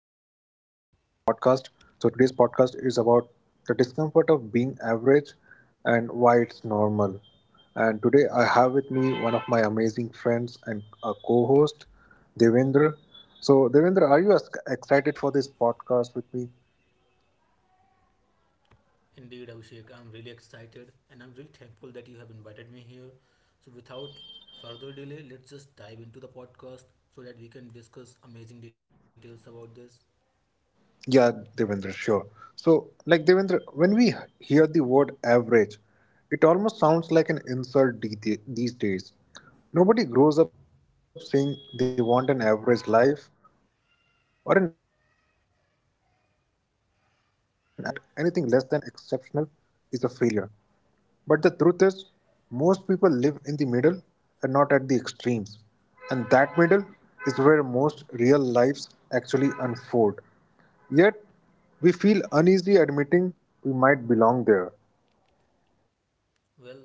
the podcast. So, today's podcast is about the discomfort of being average and why it's normal. And today, I have with me one of my amazing friends and a co host, Devendra. So, Devendra, excited for this podcast with me? Indeed, Abhishek, I'm really excited and I'm really thankful that you have invited me here. So, without further delay, let's just dive into the podcast so that we can discuss amazing details about this. Yeah, Devendra, sure. So, like Devendra, when we hear the word average, it almost sounds like an insult these days. Nobody grows up saying they want an average life or an average career. Social media has trained us to believe that anything less than exceptional is a failure. But the truth is, most people live in the middle and not at the extremes. And that middle is where most real lives actually unfold. Yet, we feel uneasy admitting we might belong there. Well,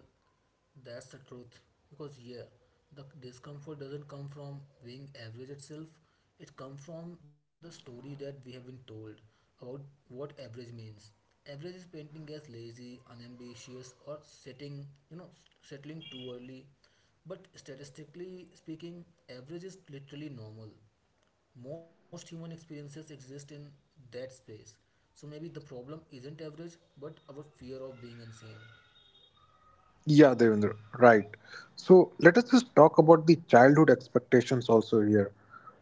that's the truth. Because yeah, the discomfort doesn't come from being average itself. It comes from the story that we have been told about what average means. Average is painting as lazy, unambitious, or setting you know settling too early. But statistically speaking, average is literally normal. Most human experiences exist in that space. So maybe the problem isn't average, but our fear of being insane. Yeah, Devendra, right. So let us just talk about the childhood expectations also here.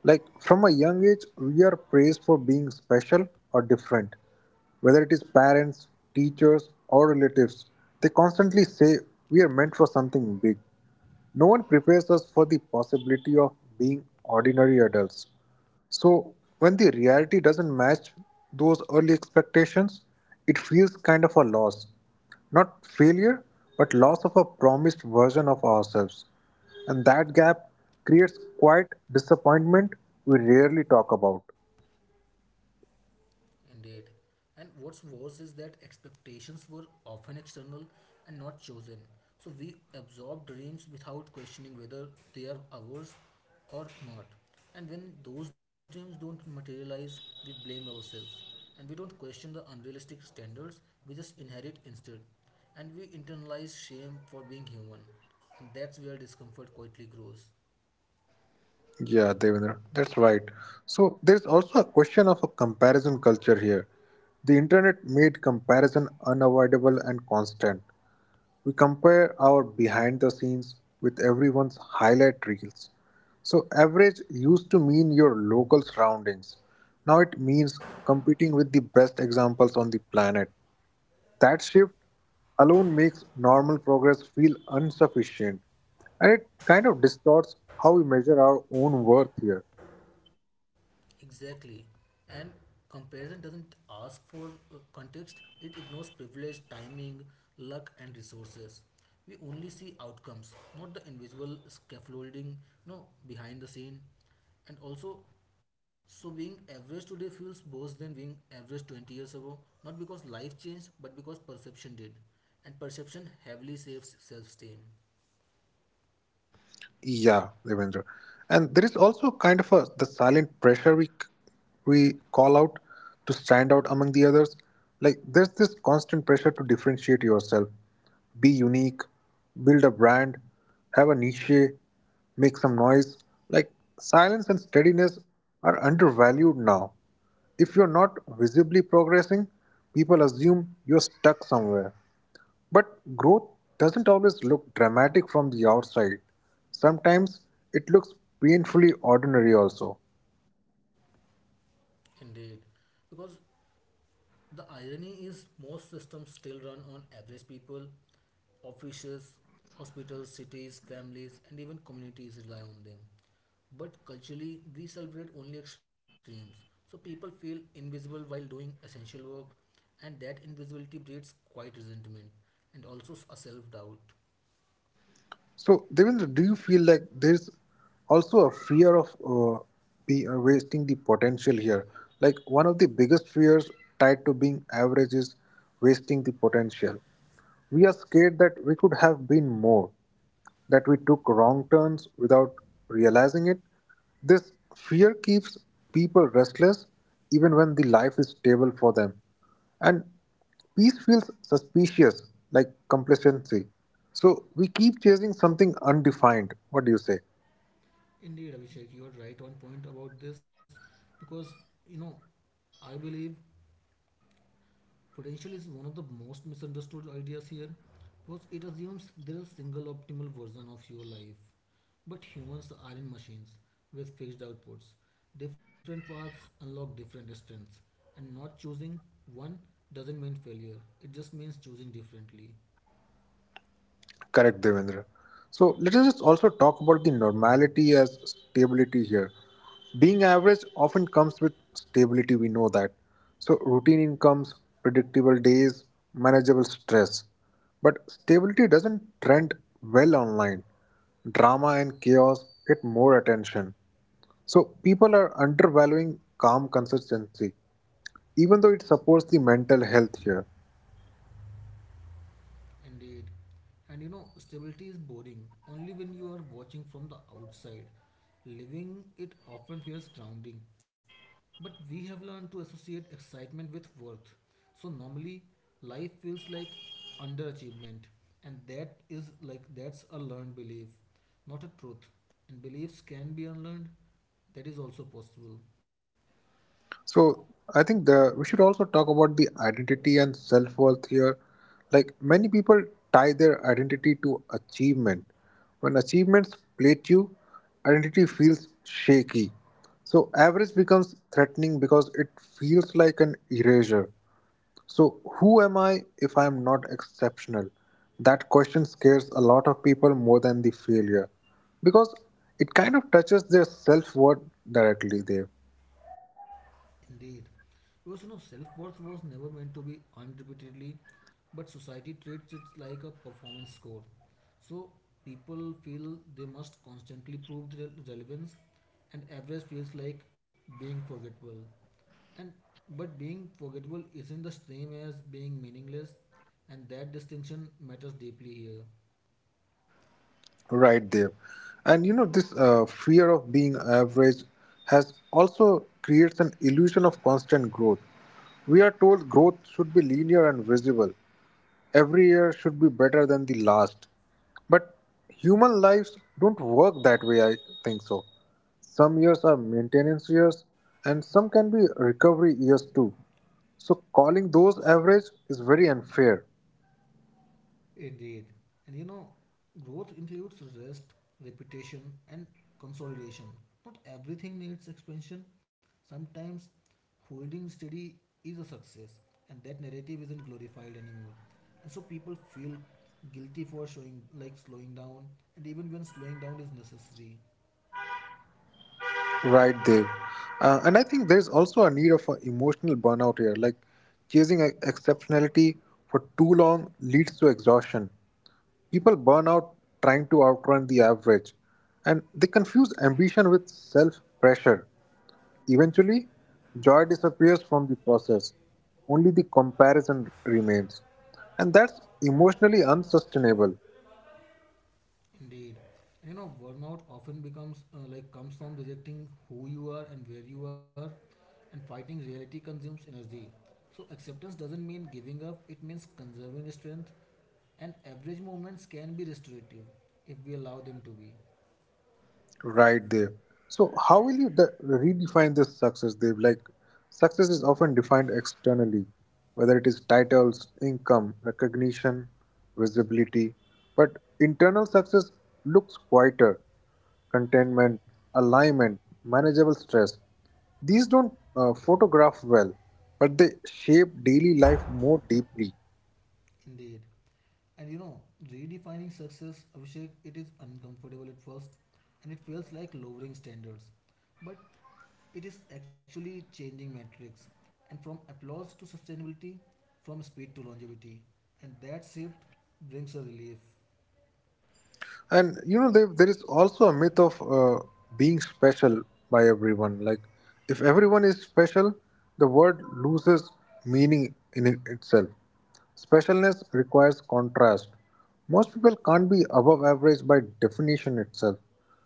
Like from a young age, we are praised for being special or different. Whether it is parents, teachers, or relatives, they constantly say we are meant for something big. No one prepares us for the possibility of being ordinary adults. So, when the reality doesn't match those early expectations, it feels kind of a loss. Not failure, but loss of a promised version of ourselves. And that gap creates quite disappointment we rarely talk about. Indeed. And what's worse is that expectations were often external and not chosen. So we absorb dreams without questioning whether they are ours or not. And when those dreams don't materialize, we blame ourselves. And we don't question the unrealistic standards, we just inherit instead. And we internalize shame for being human. And that's where discomfort quietly grows. Yeah, Devendra, that's right. So, there's also a question of a comparison culture here. The internet made comparison unavoidable and constant. We compare our behind the scenes with everyone's highlight reels. So, average used to mean your local surroundings. Now it means competing with the best examples on the planet. That shift alone makes normal progress feel insufficient and it kind of distorts how we measure our own worth here. Exactly. And comparison doesn't ask for context, it ignores privilege, timing, luck, and resources. We only see outcomes, not the invisible scaffolding, you know, behind the scene. And also, so being average today feels worse than being average 20 years ago, not because life changed, but because perception did. And perception heavily saves self esteem. Yeah, Devendra. And there is also kind of a the silent pressure we call out to stand out among the others. Like there's this constant pressure to differentiate yourself, be unique, build a brand, have a niche, make some noise. Like silence and steadiness are undervalued now. If you're not visibly progressing, people assume you're stuck somewhere. But growth doesn't always look dramatic from the outside. Sometimes it looks painfully ordinary also. Indeed, because the irony is, most systems still run on average people, offices, hospitals, cities, families, and even communities rely on them. But culturally, we celebrate only extremes. So people feel invisible while doing essential work, and that invisibility breeds quite resentment and also a self doubt. So, Devendra, do you feel like there's also a fear of wasting the potential here? Like one of the biggest fears tied to being average is wasting the potential. We are scared that we could have been more, that we took wrong turns without realizing it. This fear keeps people restless even when the life is stable for them. And peace feels suspicious, like complacency. So we keep chasing something undefined. What do you say? Indeed, Abhishek, you are right on point about this because you know I believe potential is one of the most misunderstood ideas here because it assumes there is a single optimal version of your life. But humans aren't machines with fixed outputs. Different paths unlock different strengths, and not choosing one doesn't mean failure, it just means choosing differently. Correct, Devendra. So let us just also talk about the normality as stability here. Being average often comes with stability, we know that. So routine incomes, predictable days, manageable stress. But stability doesn't trend well online. Drama and chaos get more attention. So people are undervaluing calm consistency, even though it supports the mental health here. Indeed. And you know, stability is boring only when you are watching from the outside. Living it often feels grounding. But we have learned to associate excitement with worth. So normally life feels like underachievement. And that is like that's a learned belief, not a truth. And beliefs can be unlearned. That is also possible. So I think the we should also talk about the identity and self worth here. Like many people tie their identity to achievement. When achievements plate you, identity feels shaky. So average becomes threatening because it feels like an erasure. So who am I if I am not exceptional? That question scares a lot of people more than the failure because it kind of touches their self worth directly there. Indeed. Because you know, self worth was never meant to be earned repeatedly, but society treats it like a performance score. So people feel they must constantly prove their relevance, and average feels like being forgettable. And but being forgettable isn't the same as being meaningless, and that distinction matters deeply here. Right, Dev. And you know, this fear of being average has also creates an illusion of constant growth. We are told growth should be linear and visible. Every year should be better than the last. But human lives don't work that way, I think so. Some years are maintenance years, and some can be recovery years too. So calling those average is very unfair. Indeed. And you know, growth includes rest, repetition, and consolidation. Not everything needs expansion. Sometimes holding steady is a success, and that narrative isn't glorified anymore. And so people feel guilty for showing like slowing down, and even when slowing down is necessary. Right, Dev. And I think there's also a need of an emotional burnout here. Like chasing exceptionality for too long leads to exhaustion. People burn out trying to outrun the average, and they confuse ambition with self pressure. Eventually, joy disappears from the process, only the comparison remains. And that's emotionally unsustainable. Indeed. You know, burnout often becomes like comes from rejecting who you are and where you are, and fighting reality consumes energy. So acceptance doesn't mean giving up; it means conserving strength. And average moments can be restorative if we allow them to be. Right, Dev. So, how will you redefine this success, Dev? Like, success is often defined externally, whether it is titles, income, recognition, visibility. But internal success looks quieter contentment, alignment, manageable stress. These don't photograph well, but they shape daily life more deeply. Indeed. And you know, redefining success, Abhishek, it is uncomfortable at first and it feels like lowering standards. But it is actually changing metrics and from applause to sustainability, from speed to longevity. And that shift brings a relief. And you know there is also a myth of being special by everyone. Like if everyone is special, the word loses meaning in it itself. Specialness requires contrast. Most people can't be above average by definition itself.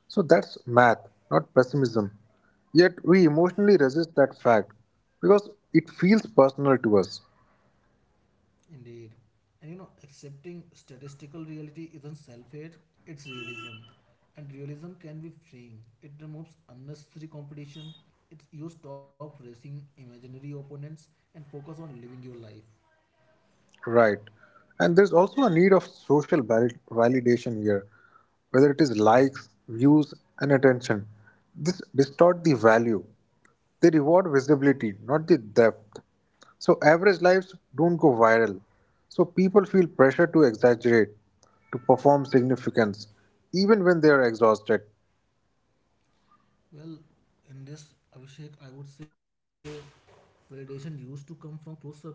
So that's math, not pessimism. Yet we emotionally resist that fact because it feels personal to us. Indeed. And you know, accepting statistical reality isn't self hate, it's realism. And realism can be freeing. It removes unnecessary competition. It you stop racing imaginary opponents and focus on living your life. Right. And there's also a need of social validation here, whether it is likes, views, and attention. This distort the value. They reward visibility, not the depth. So average lives don't go viral. So people feel pressure to exaggerate, to perform significance, even when they are exhausted. Well, in this Abhishek, I would say validation used to come from close circles,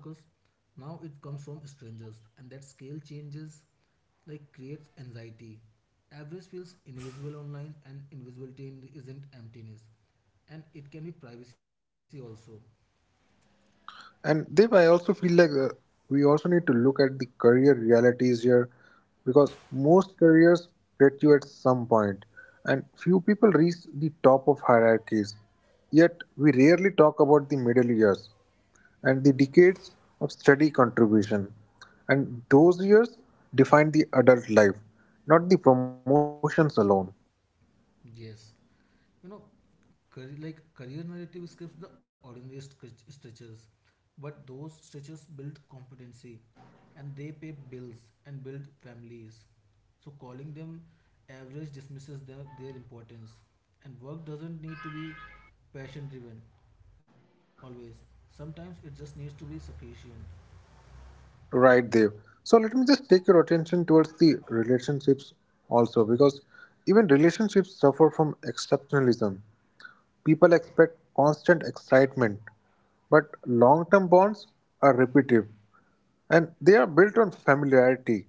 now it comes from strangers, and that scale changes like creates anxiety. Average feels invisible online, and invisibility isn't emptiness, and it can be privacy also. And Dev, I also feel like we also need to look at the career realities here because most careers get you at some point, and few people reach the top of hierarchies. Yet, we rarely talk about the middle years and the decades of steady contribution. And those years define the adult life, not the promotions alone. Yes, you know, career narrative skips the ordinary stretches, but those stretches build competency and they pay bills and build families. So calling them average dismisses their importance. And work doesn't need to be passion driven always. Sometimes it just needs to be sufficient. Right, Dev. So let me just take your attention towards the relationships also, because even relationships suffer from exceptionalism. People expect constant excitement, but long term bonds are repetitive and they are built on familiarity.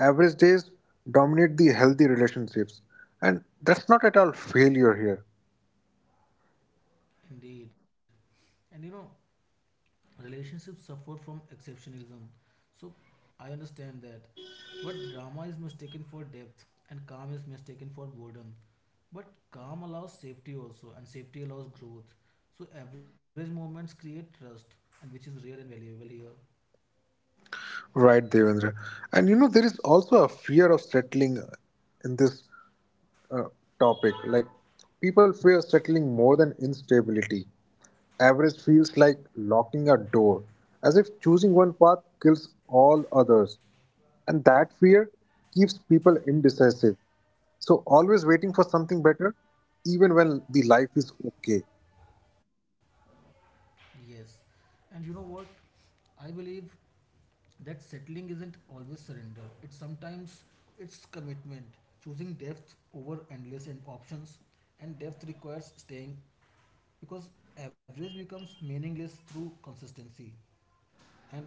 Average days dominate the healthy relationships, and that's not at all failure here. Indeed. And you know, relationships suffer from exceptionalism. So I understand that. But drama is mistaken for depth and calm is mistaken for boredom. But calm allows safety also and safety allows growth. So average moments create trust and which is rare and valuable here. Right, Devendra. And you know, there is also a fear of settling in this uh, topic. Like people fear settling more than instability. Average feels like locking a door, as if choosing one path kills all others. And that fear keeps people indecisive. So always waiting for something better, even when the life is okay. Yes. And you know what? I believe that settling isn't always surrender. It's sometimes it's commitment, choosing depth over endless and options. And depth requires staying because average becomes meaningless through consistency and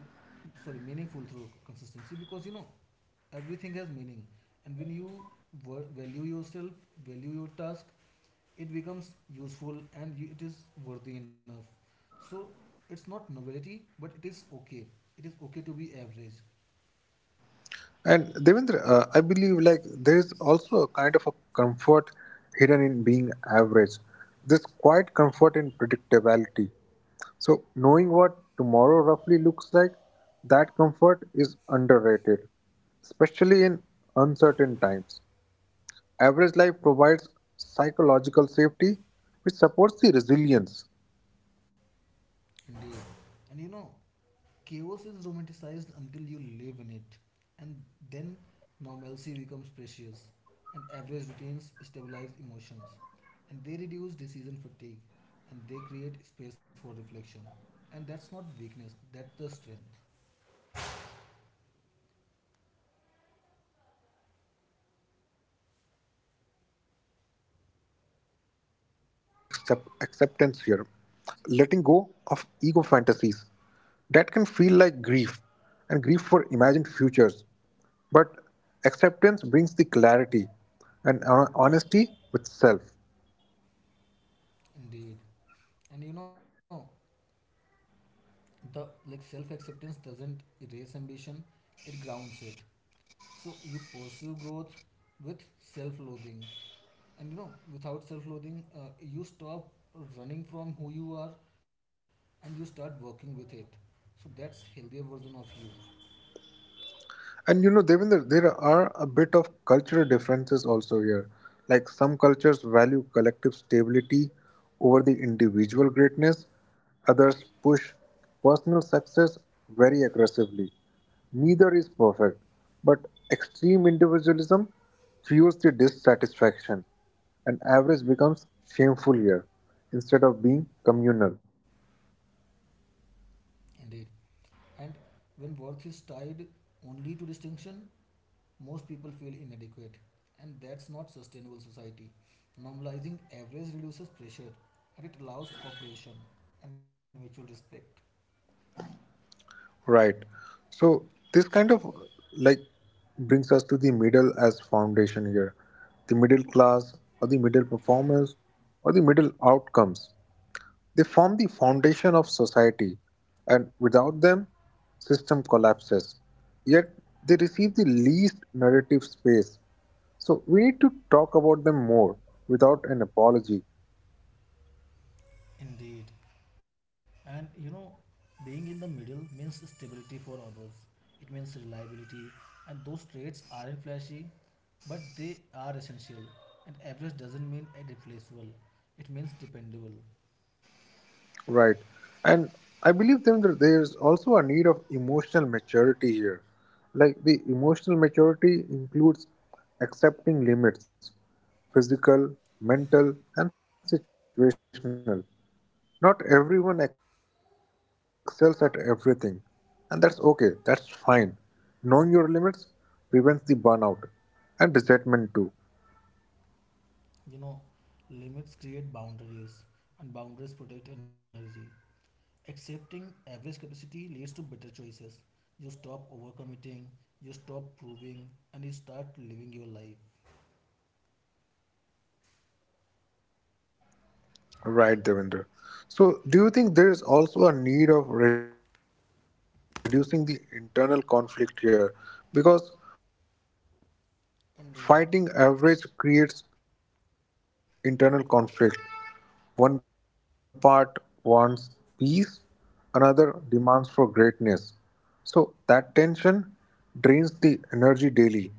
sorry meaningful through consistency because you know everything has meaning and when you value yourself value your task it becomes useful and you, it is worthy enough, so it's not novelty but it is okay, it is okay to be average. And Devendra, I believe like there is also a kind of a comfort hidden in being average. This quiet comfort in predictability. So knowing what tomorrow roughly looks like, that comfort is underrated, especially in uncertain times. Average life provides psychological safety, which supports the resilience. Indeed. And you know, chaos is romanticized until you live in it, and then normalcy becomes precious, and average routines stabilize emotions, and they reduce decision fatigue, and they create space for reflection. And that's not weakness, that's the strength. Very true, Devendra. And there is also a need of self acceptance here. Accepting average requires humility. It means letting go of ego fantasies. That can feel like grief, and grief for imagined futures. But acceptance brings the clarity and honesty with self. Indeed. And you know, the like self acceptance doesn't erase ambition, it grounds it. So you pursue growth with self loathing, and you know, without self loathing, you stop running from who you are and you start working with it. So that's healthier version of you. And you know, Devinder, there are a bit of cultural differences also here. Like some cultures value collective stability over the individual greatness, others push personal success very aggressively. Neither is perfect, but extreme individualism fuels the dissatisfaction, and average becomes shameful here instead of being communal. Indeed. And when worth is tied only to distinction, most people feel inadequate. And that's not sustainable society. Normalizing average reduces pressure and it allows cooperation and mutual respect. Right. So this kind of like brings us to the middle as foundation here. The middle class or the middle performers or the middle outcomes. They form the foundation of society and without them system collapses. Yet they receive the least narrative space. So we need to talk about them more without an apology. Indeed. And you know, being in the middle means stability for others. It means reliability. And those traits aren't flashy, but they are essential. And average doesn't mean irreplaceable, it means dependable. Right. And I believe then that there's also a need of emotional maturity here. Like the emotional maturity includes accepting limits, physical, mental, and situational. Not everyone excels at everything, and that's okay, that's fine. Knowing your limits prevents the burnout and resentment too. You know, limits create boundaries, and boundaries protect energy. Accepting average capacity leads to better choices. You stop overcommitting, you stop proving, and you start living your life. Right, Devinder. So, do you think there is also a need of reducing the internal conflict here? Because Indeed. fighting average creates internal conflict. One part wants peace, another demands for greatness. So, that tension drains the energy daily.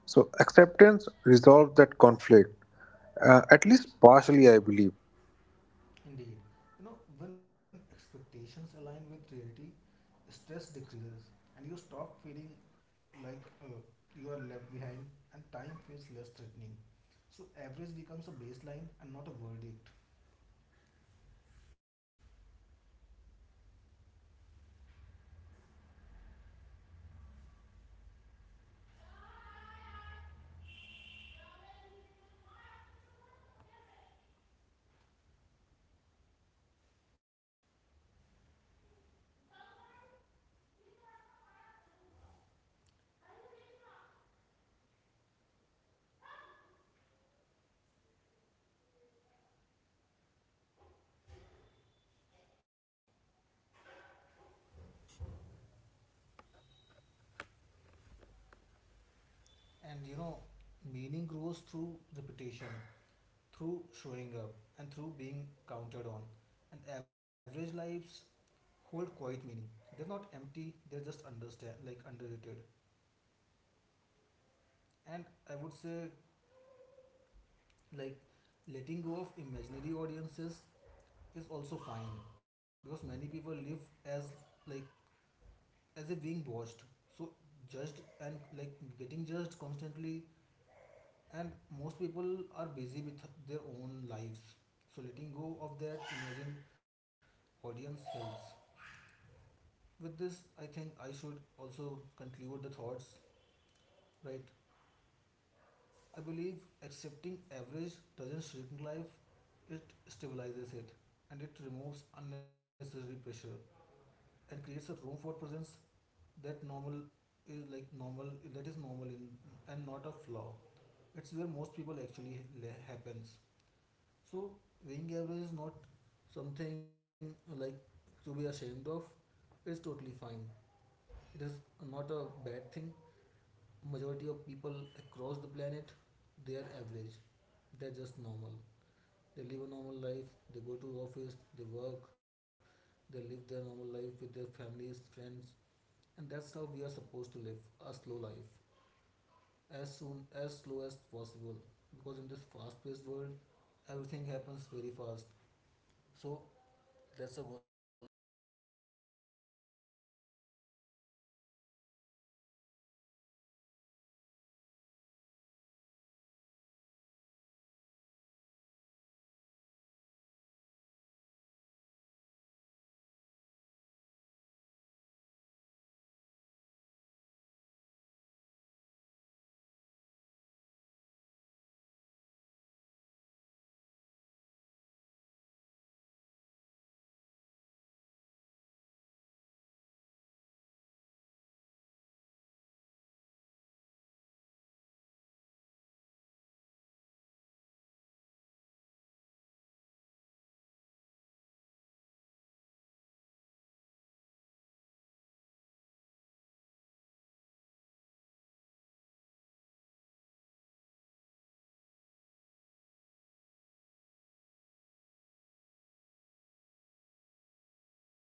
So, acceptance resolves that conflict, at least partially, I believe. Indeed, you know, when expectations align with reality, stress decreases and you stop feeling like you are left behind and time feels less threatening. So, average becomes a baseline and not a verdict. Very true, Devendra. So I also believe like there's a meaning beyond the achievement also. Meaning isn't limited to success metrics. It exists in core responsibility, care, and even contribution. And you know, meaning grows through repetition, through showing up, and through being counted on. And average lives hold quite meaning. They're not empty, they're just understand like underrated. And I would say like letting go of imaginary audiences is also fine because many people live as like as if being watched, so judged and like getting judged constantly, and most people are busy with their own lives, so letting go of that imagined audience helps with this. I think I should also conclude the thoughts. Right, I believe accepting average doesn't shrink life, it stabilizes it, and it removes unnecessary pressure and creates a room for presence. That normal is like normal, that is normal in and not a flaw. It's where most people actually happens. So being average is not something like to be ashamed of. It's totally fine. It is not a bad thing. Majority of people across the planet, they are average. They're just normal. They live a normal life. They go to office, they work, they live their normal life with their families, friends. And that's how we are supposed to live a slow life, as soon as slow as possible. Because in this fast paced world, everything happens very fast. So that's a also great thing.